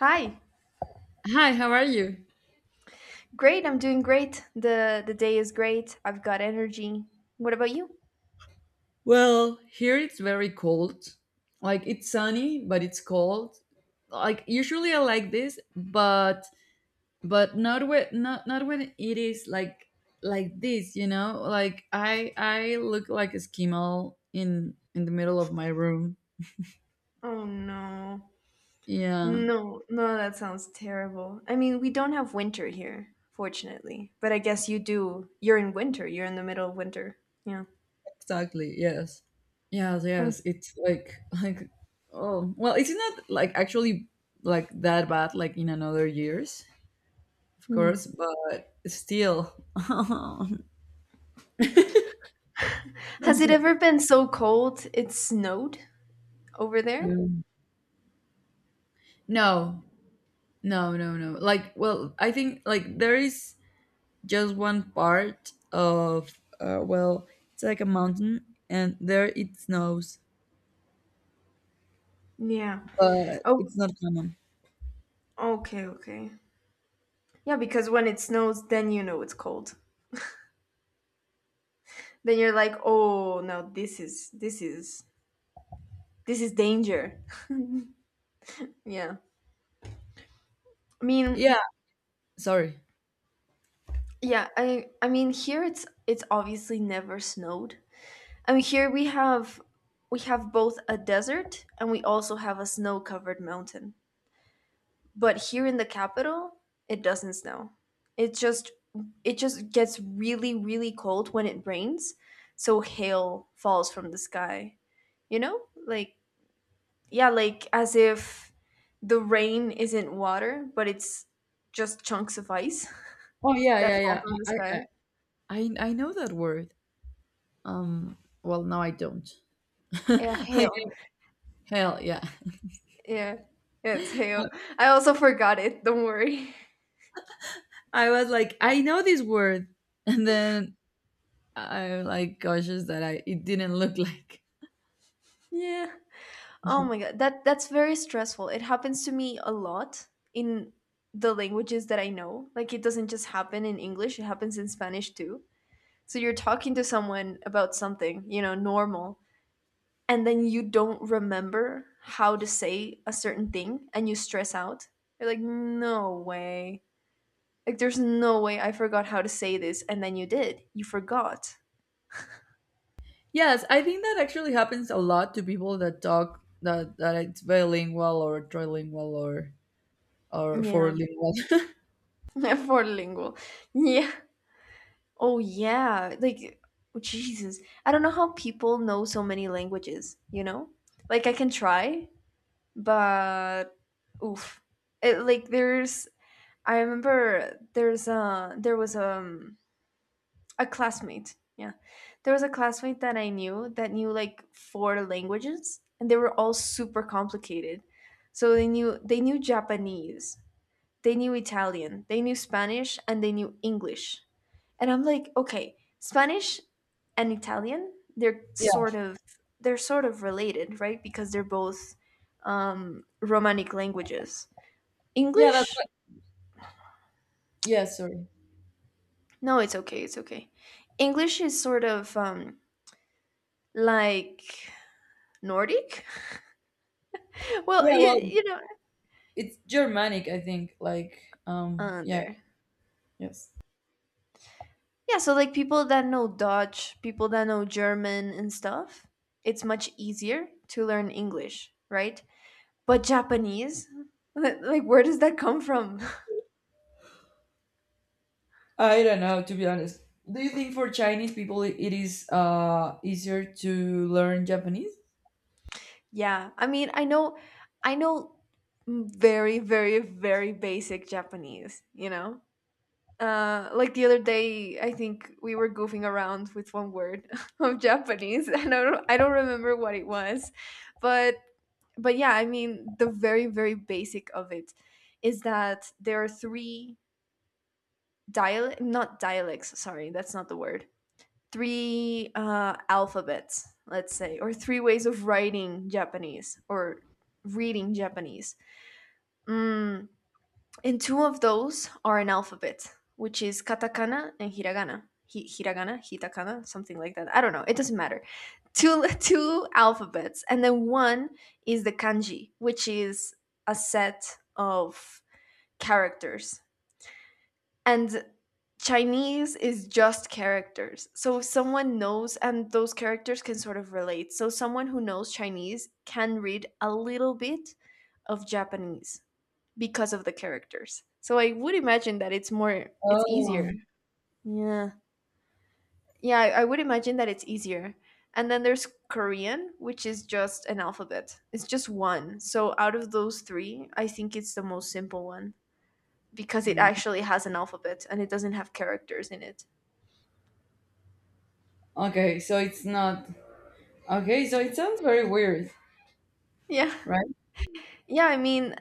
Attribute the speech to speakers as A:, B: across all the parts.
A: Hi.
B: Hi, how are you?
A: Great. I'm doing great. The day is great. I've got energy. What about you?
B: Well, here it's very cold. Like it's sunny, but it's cold. Like usually I like this, but but not when it is like this, you know? Like I look like a skimmel in the middle of my room.
A: Oh no.
B: Yeah,
A: No, no, that sounds terrible. I mean, we don't have winter here, fortunately. But I guess you do. You're in winter. You're in the middle of winter. Yeah.
B: exactly. Yes. Yes, yes. It's like like oh, well, it's not like actually like that bad like in another years of course,
A: Mhm.
B: but still.
A: Has it ever been so cold it snowed over there?
B: Um, no, no, no, no. Like, well, I think like there is just one part of well, it's like a mountain, and there it snows,
A: Yeah.
B: but
A: Oh,
B: it's not common.
A: okay, okay. Yeah, because when it snows, then you know it's cold. Then you're like, "Oh, no, this is danger." Yeah. I mean,
B: Yeah, sorry.
A: yeah, I mean here it's obviously never snowed. I mean here we have both a desert and we also have a snow-covered mountain. But here in the capital, it doesn't snow. It just it just gets really really cold when it rains, so hail falls from the sky. You know? Like yeah, like as if the rain isn't water, but it's just chunks of ice
B: Oh yeah,
A: that
B: yeah,
A: fall
B: yeah.
A: from the
B: I I
A: sky.
B: I, I know that word. Um. Well, now I don't.
A: Yeah,
B: like
A: hail.
B: hell, yeah.
A: Yeah, yeah, it's hail. I also forgot it. Don't worry.
B: I was like, I know this word, and then I'm like cautious that I it didn't look like.
A: Yeah. Oh my god, that's very stressful. It happens to me a lot in the languages that I know. Like it doesn't just happen in English, it happens in Spanish too. So you're talking to someone about something, you know, normal, and then you don't remember how to say a certain thing and you stress out. You're like, "No way." Like there's no way I forgot how to say this and then you did. You forgot.
B: Yes, I think that actually happens a lot to people that talk that it's bilingual or trilingual or
A: Yeah.
B: fourlingual.
A: For lingual. Yeah. Oh, yeah. Like, oh, Jesus. I don't know how people know so many languages, you know? Like, I can try, but oof. It, like, there's, I remember there was a classmate. Yeah. There was a classmate that I knew that knew like four languages and they were all super complicated. So they knew Japanese, they knew Italian, they knew Spanish, and they knew English. And I'm like, okay, Spanish and Italian, they're
B: yeah,
A: sort of they're sort of related, right? Because they're both Romanic languages.
B: yeah, that's
A: English,
B: what, yeah. Sorry.
A: no, it's okay, it's okay. English is sort of like Nordic. Well,
B: Yeah,
A: you,
B: well,
A: know,
B: it's Germanic, I think. Like, yeah,
A: there.
B: yes.
A: Yeah, so like people that know Dutch, people that know German and stuff, it's much easier to learn English, right? But Japanese, like where does that come from?
B: I don't know, to be honest. Do you think for Chinese people it is easier to learn Japanese?
A: Yeah, I mean, I know very, very, very basic Japanese, you know? Like the other day, I think we were goofing around with one word of Japanese, and I don't remember what it was, but, but yeah, I mean, the very, very basic of it is that there are three dialect, not dialects, sorry, that's not the word. Three alphabets, let's say, or three ways of writing Japanese or reading Japanese. Mm, and two of those are an alphabet, which is katakana and hiragana. Hiragana, hitakana, something like that. I don't know. It doesn't matter. Two two alphabets, and then one is the kanji, which is a set of characters. And Chinese is just characters. So if someone knows, and those characters can sort of relate. So someone who knows Chinese can read a little bit of Japanese because of the characters. So I would imagine that it's more, it's
B: Oh.
A: easier. Yeah. Yeah, I would imagine that it's easier. And then there's Korean, which is just an alphabet. It's just one. So out of those three, I think it's the most simple one because it actually has an alphabet and it doesn't have characters in it.
B: Okay, so it's not. Okay, so it sounds very weird,
A: Yeah.
B: right?
A: Yeah, I mean,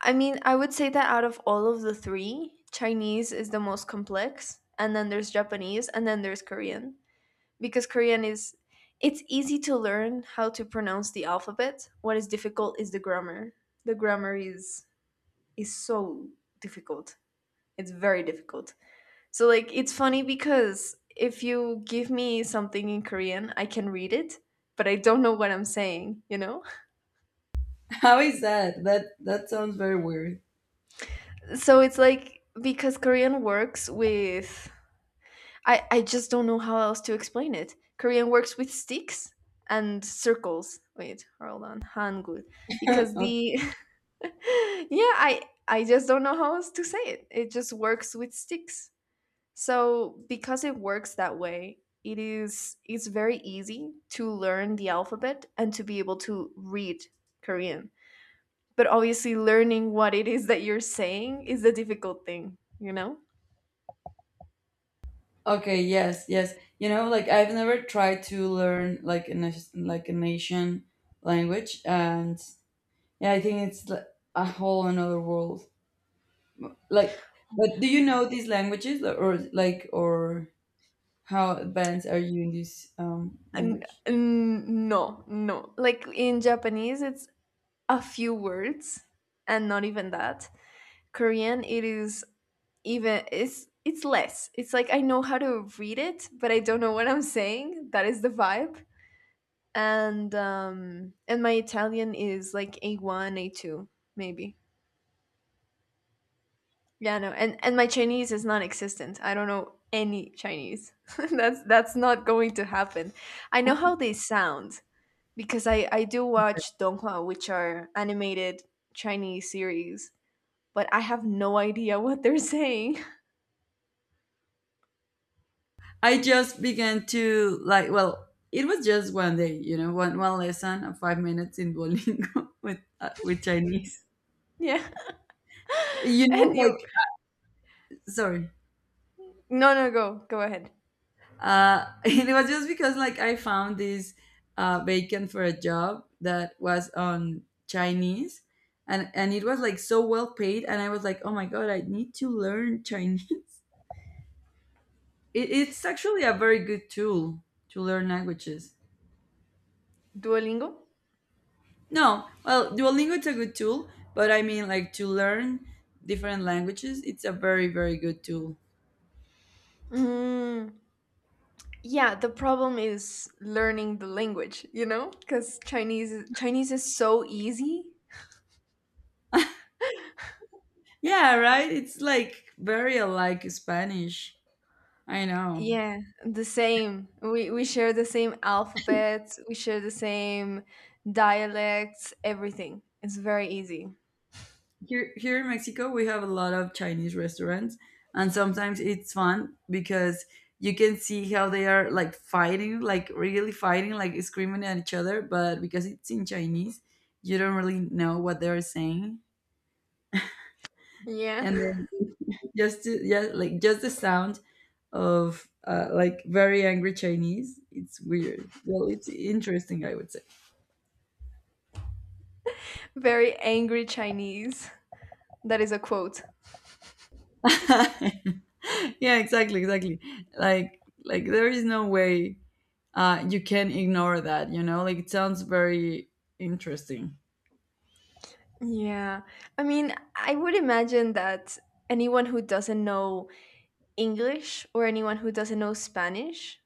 A: I mean, I would say that out of all of the three, Chinese is the most complex, and then there's Japanese, and then there's Korean, because Korean is it's easy to learn how to pronounce the alphabet. What is difficult is the grammar. The grammar is so difficult. It's very difficult. So like it's funny because if you give me something in Korean, I can read it, but I don't know what I'm saying, you know?
B: How is that? That sounds very weird.
A: So it's like because Korean works with I just don't know how else to explain it. Korean works with sticks and circles. Wait, hold on, Hangul. Because
B: okay,
A: the yeah, I just don't know how else to say it. It just works with sticks. So because it works that way, it is it's very easy to learn the alphabet and to be able to read Korean. But obviously learning what it is that you're saying is the difficult thing, you know?
B: okay, yes, yes. You know, like I've never tried to learn like a like a nation language, and yeah, I think a whole another world. Like, but do you know these languages, or, like, or how advanced are you in this language?
A: No. Like in Japanese, it's a few words, and not even that. Korean, it is even it's less. It's like I know how to read it, but I don't know what I'm saying. That is the vibe. And my Italian is like a one, a two, maybe. Yeah, no. And my Chinese is non-existent. I don't know any Chinese. That's not going to happen. I know how they sound because I do watch donghua, which are animated Chinese series, but I have no idea what they're saying.
B: I just began to like. Well, it was just one day, you know, one lesson of 5 minutes in Duolingo with Chinese.
A: Yeah,
B: You know
A: and you
B: like sorry
A: no no go go ahead.
B: it was just because like I found this vacant for a job that was on Chinese, and it was like so well paid and I was like, oh my god, I need to learn Chinese. It's actually a very good tool to learn languages.
A: Duolingo.
B: No, well, Duolingo is a good tool, but I mean like to learn different languages it's a very good tool.
A: Mm, yeah, the problem is learning the language, you know, because Chinese is so easy.
B: Yeah, right, it's like very alike Spanish. I know.
A: Yeah, the same. We share the same alphabets. We share the same dialects. Everything. It's very easy.
B: Here here in Mexico we have a lot of Chinese restaurants and sometimes it's fun because you can see how they are like fighting, like really fighting, like screaming at each other, but because it's in Chinese, you don't really know what they're saying.
A: Yeah.
B: And then just to, yeah, like just the sound of like very angry Chinese, it's weird. Well, it's interesting, I would say.
A: Very angry Chinese. That is a quote.
B: yeah, exactly, exactly. Like there is no way you can ignore that. You know, like it sounds very interesting.
A: Yeah. I mean, I would imagine that anyone who doesn't know English or anyone who doesn't know Spanish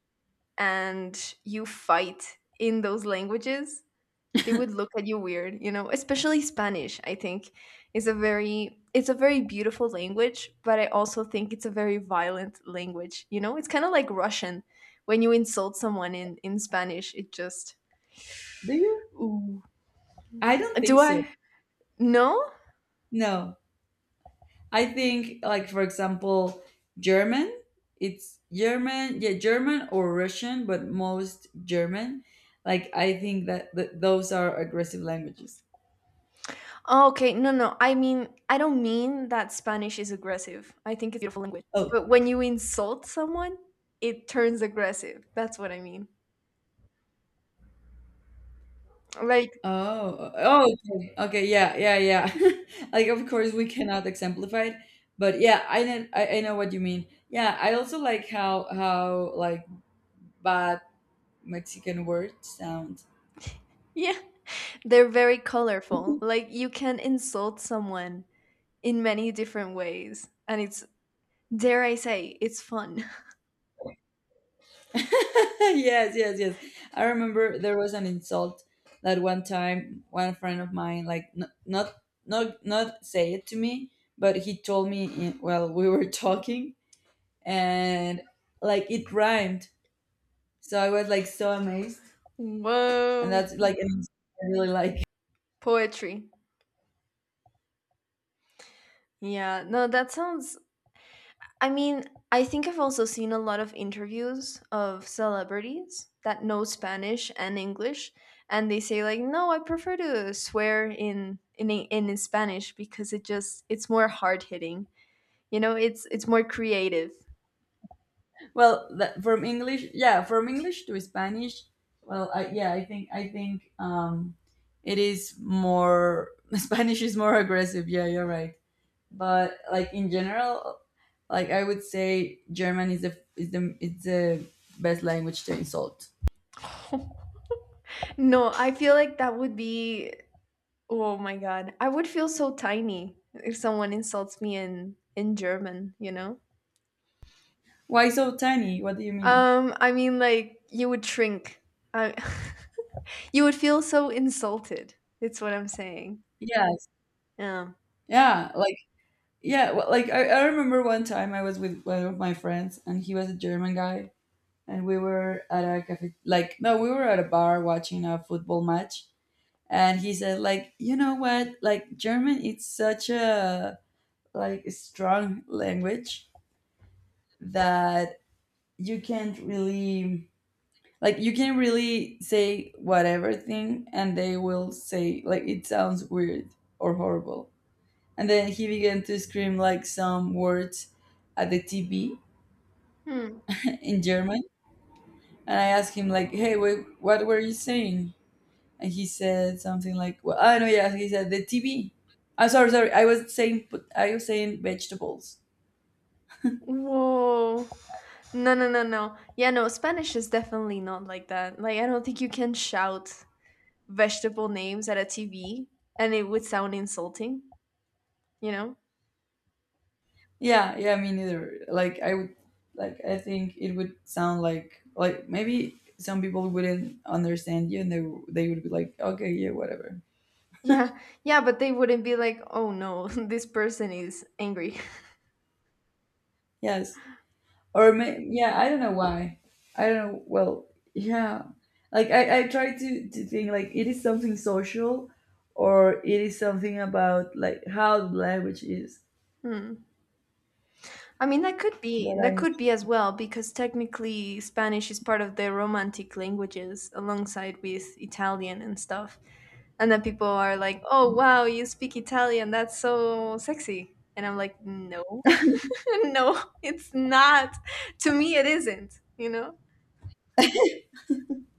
A: and you fight in those languages, they would look at you weird, you know, especially Spanish, I think is a very it's a very beautiful language, but I also think it's a very violent language, you know? It's kind of like Russian. When you insult someone in Spanish, it just
B: Do you?
A: ooh.
B: I don't think
A: Do
B: so.
A: I No?
B: No. I think like, for example, German, it's German, yeah, German or Russian, but most German. Like I think that those are aggressive languages.
A: Oh, okay. No, no. I mean, I don't mean that Spanish is aggressive. I think it's a beautiful language.
B: Oh.
A: But when you insult someone, it turns aggressive. That's what I mean. Like,
B: Oh, oh, okay. Okay, yeah, yeah, yeah. Like of course we cannot exemplify it, but yeah, I know I know what you mean. Yeah, I also like how like bad Mexican word sound.
A: yeah, they're very colorful. Like, you can insult someone in many different ways. And it's, dare I say, it's fun.
B: yes, yes, yes. I remember there was an insult that one time one friend of mine like not not say it to me, but he told me in, while we were talking and like it rhymed. So I was like so amazed and
A: Whoa.
B: that's like an insult I really like.
A: Poetry. Yeah. No, that sounds I mean, I think I've also seen a lot of interviews of celebrities that know Spanish and English, and they say like, "No, I prefer to swear in Eng- in Spanish because it just it's more hard hitting. You know, it's more creative."
B: Well, that, from English, yeah, from English to Spanish. Well, yeah, I think it is more Spanish is more aggressive. Yeah, you're right. But like in general, like I would say German is the best language to insult.
A: No, I feel like that would be oh my god. I would feel so tiny if someone insults me in German, you know?
B: Why so tiny? What do you mean?
A: I mean like you would shrink. I You would feel so insulted. It's what I'm saying.
B: Yes.
A: Yeah.
B: Yeah. Like yeah. Well, like I remember one time I was with one of my friends and he was a German guy and we were at a cafe, like no we were at a bar watching a football match and he said like, you know what, like German it's such a like strong language that you can't really like you can really say whatever thing and they will say like it sounds weird or horrible, and then he began to scream like some words at the TV
A: Hmm.
B: in German, and I asked him like, hey wait, what were you saying, and he said something like, "Well, I know, yeah." He said the TV. I'm sorry, sorry. I was saying, I was saying vegetables.
A: Whoa. No, no, no, no. Yeah, no, Spanish is definitely not like that. Like, I don't think you can shout vegetable names at a TV and it would sound insulting, you know?
B: Yeah, yeah. Me neither. Like I would, like I think it would sound like maybe some people wouldn't understand you, and they would be like, "Okay, yeah, whatever."
A: Yeah, yeah, but they wouldn't be like, oh no, this person is angry.
B: Yes, yeah, I don't know why. I don't know. Well, yeah. Like I try to think like it is something social or it is something about like how the language is
A: Hmm. I mean,
B: that
A: that could
B: I
A: be as well, because technically Spanish is part of the Romantic languages alongside with Italian and stuff. And then people are like, "Oh wow, you speak Italian. That's so sexy." And I'm like, "No. No, it's not. To me it isn't, you know?"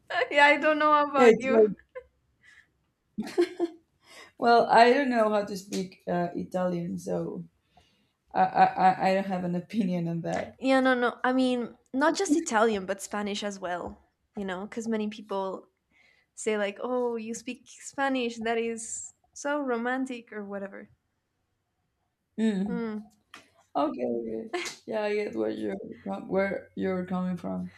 A: Yeah, I don't know
B: Yeah,
A: about
B: it's
A: you.
B: like, well, I don't know how to speak Italian, so I don't have an opinion on that.
A: Yeah, no, no. I mean, not just Italian, but Spanish as well, you know, cuz many people say like, "Oh, you speak Spanish. That is so romantic or whatever."
B: Mm.
A: Mm,
B: Okay, okay. Yeah, I get where you're where you're coming from.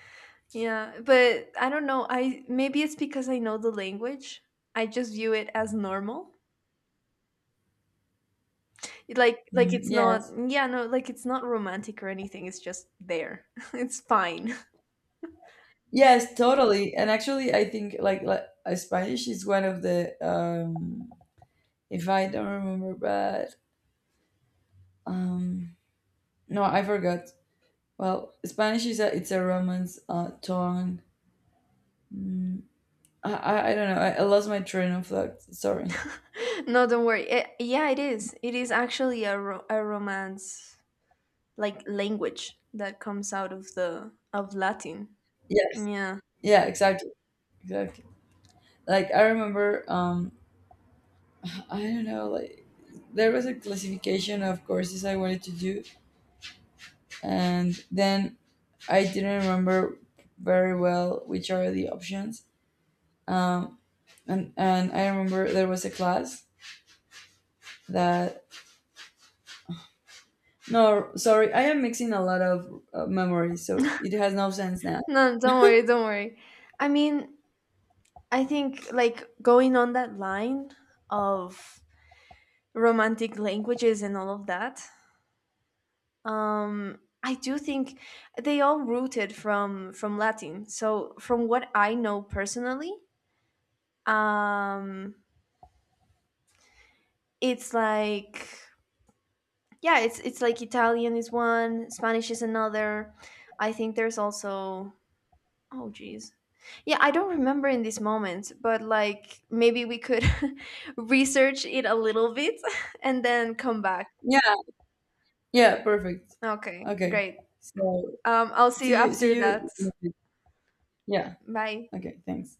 A: yeah, but I don't know. I maybe it's because I know the language. I just view it as normal. It, like
B: Mm,
A: it's not
B: yes,
A: yeah no like it's not romantic or anything it's just there. It's fine.
B: yes, totally. And actually, I think like Spanish is one of the if I don't remember bad, um, no, I forgot. Well, Spanish is a it's a Romance tongue. Mm, I don't know. I lost my train of thought. Sorry.
A: No don't worry. Eh, yeah it is actually a, a romance like language that comes out of the of Latin.
B: Yes.
A: Yeah
B: Yeah, exactly, exactly. Like I remember, I don't know, like there was a classification of courses I wanted to do, and then I didn't remember very well which are the options. Um, and I remember there was a class that no, sorry, I am mixing a lot of memories, so it has no sense now.
A: no don't worry don't worry. I mean I think like going on that line of romantic languages and all of that, I do think they all rooted from Latin, so from what I know personally, um it's like yeah it's like Italian is one Spanish is another. I think there's also oh geez yeah I don't remember in this moment, but like maybe we could research it a little bit and then come back.
B: Yeah, yeah, perfect.
A: Okay
B: Okay,
A: great.
B: so
A: I'll see you
B: see you, see
A: after that.
B: you. Yeah.
A: Bye.
B: Okay, thanks.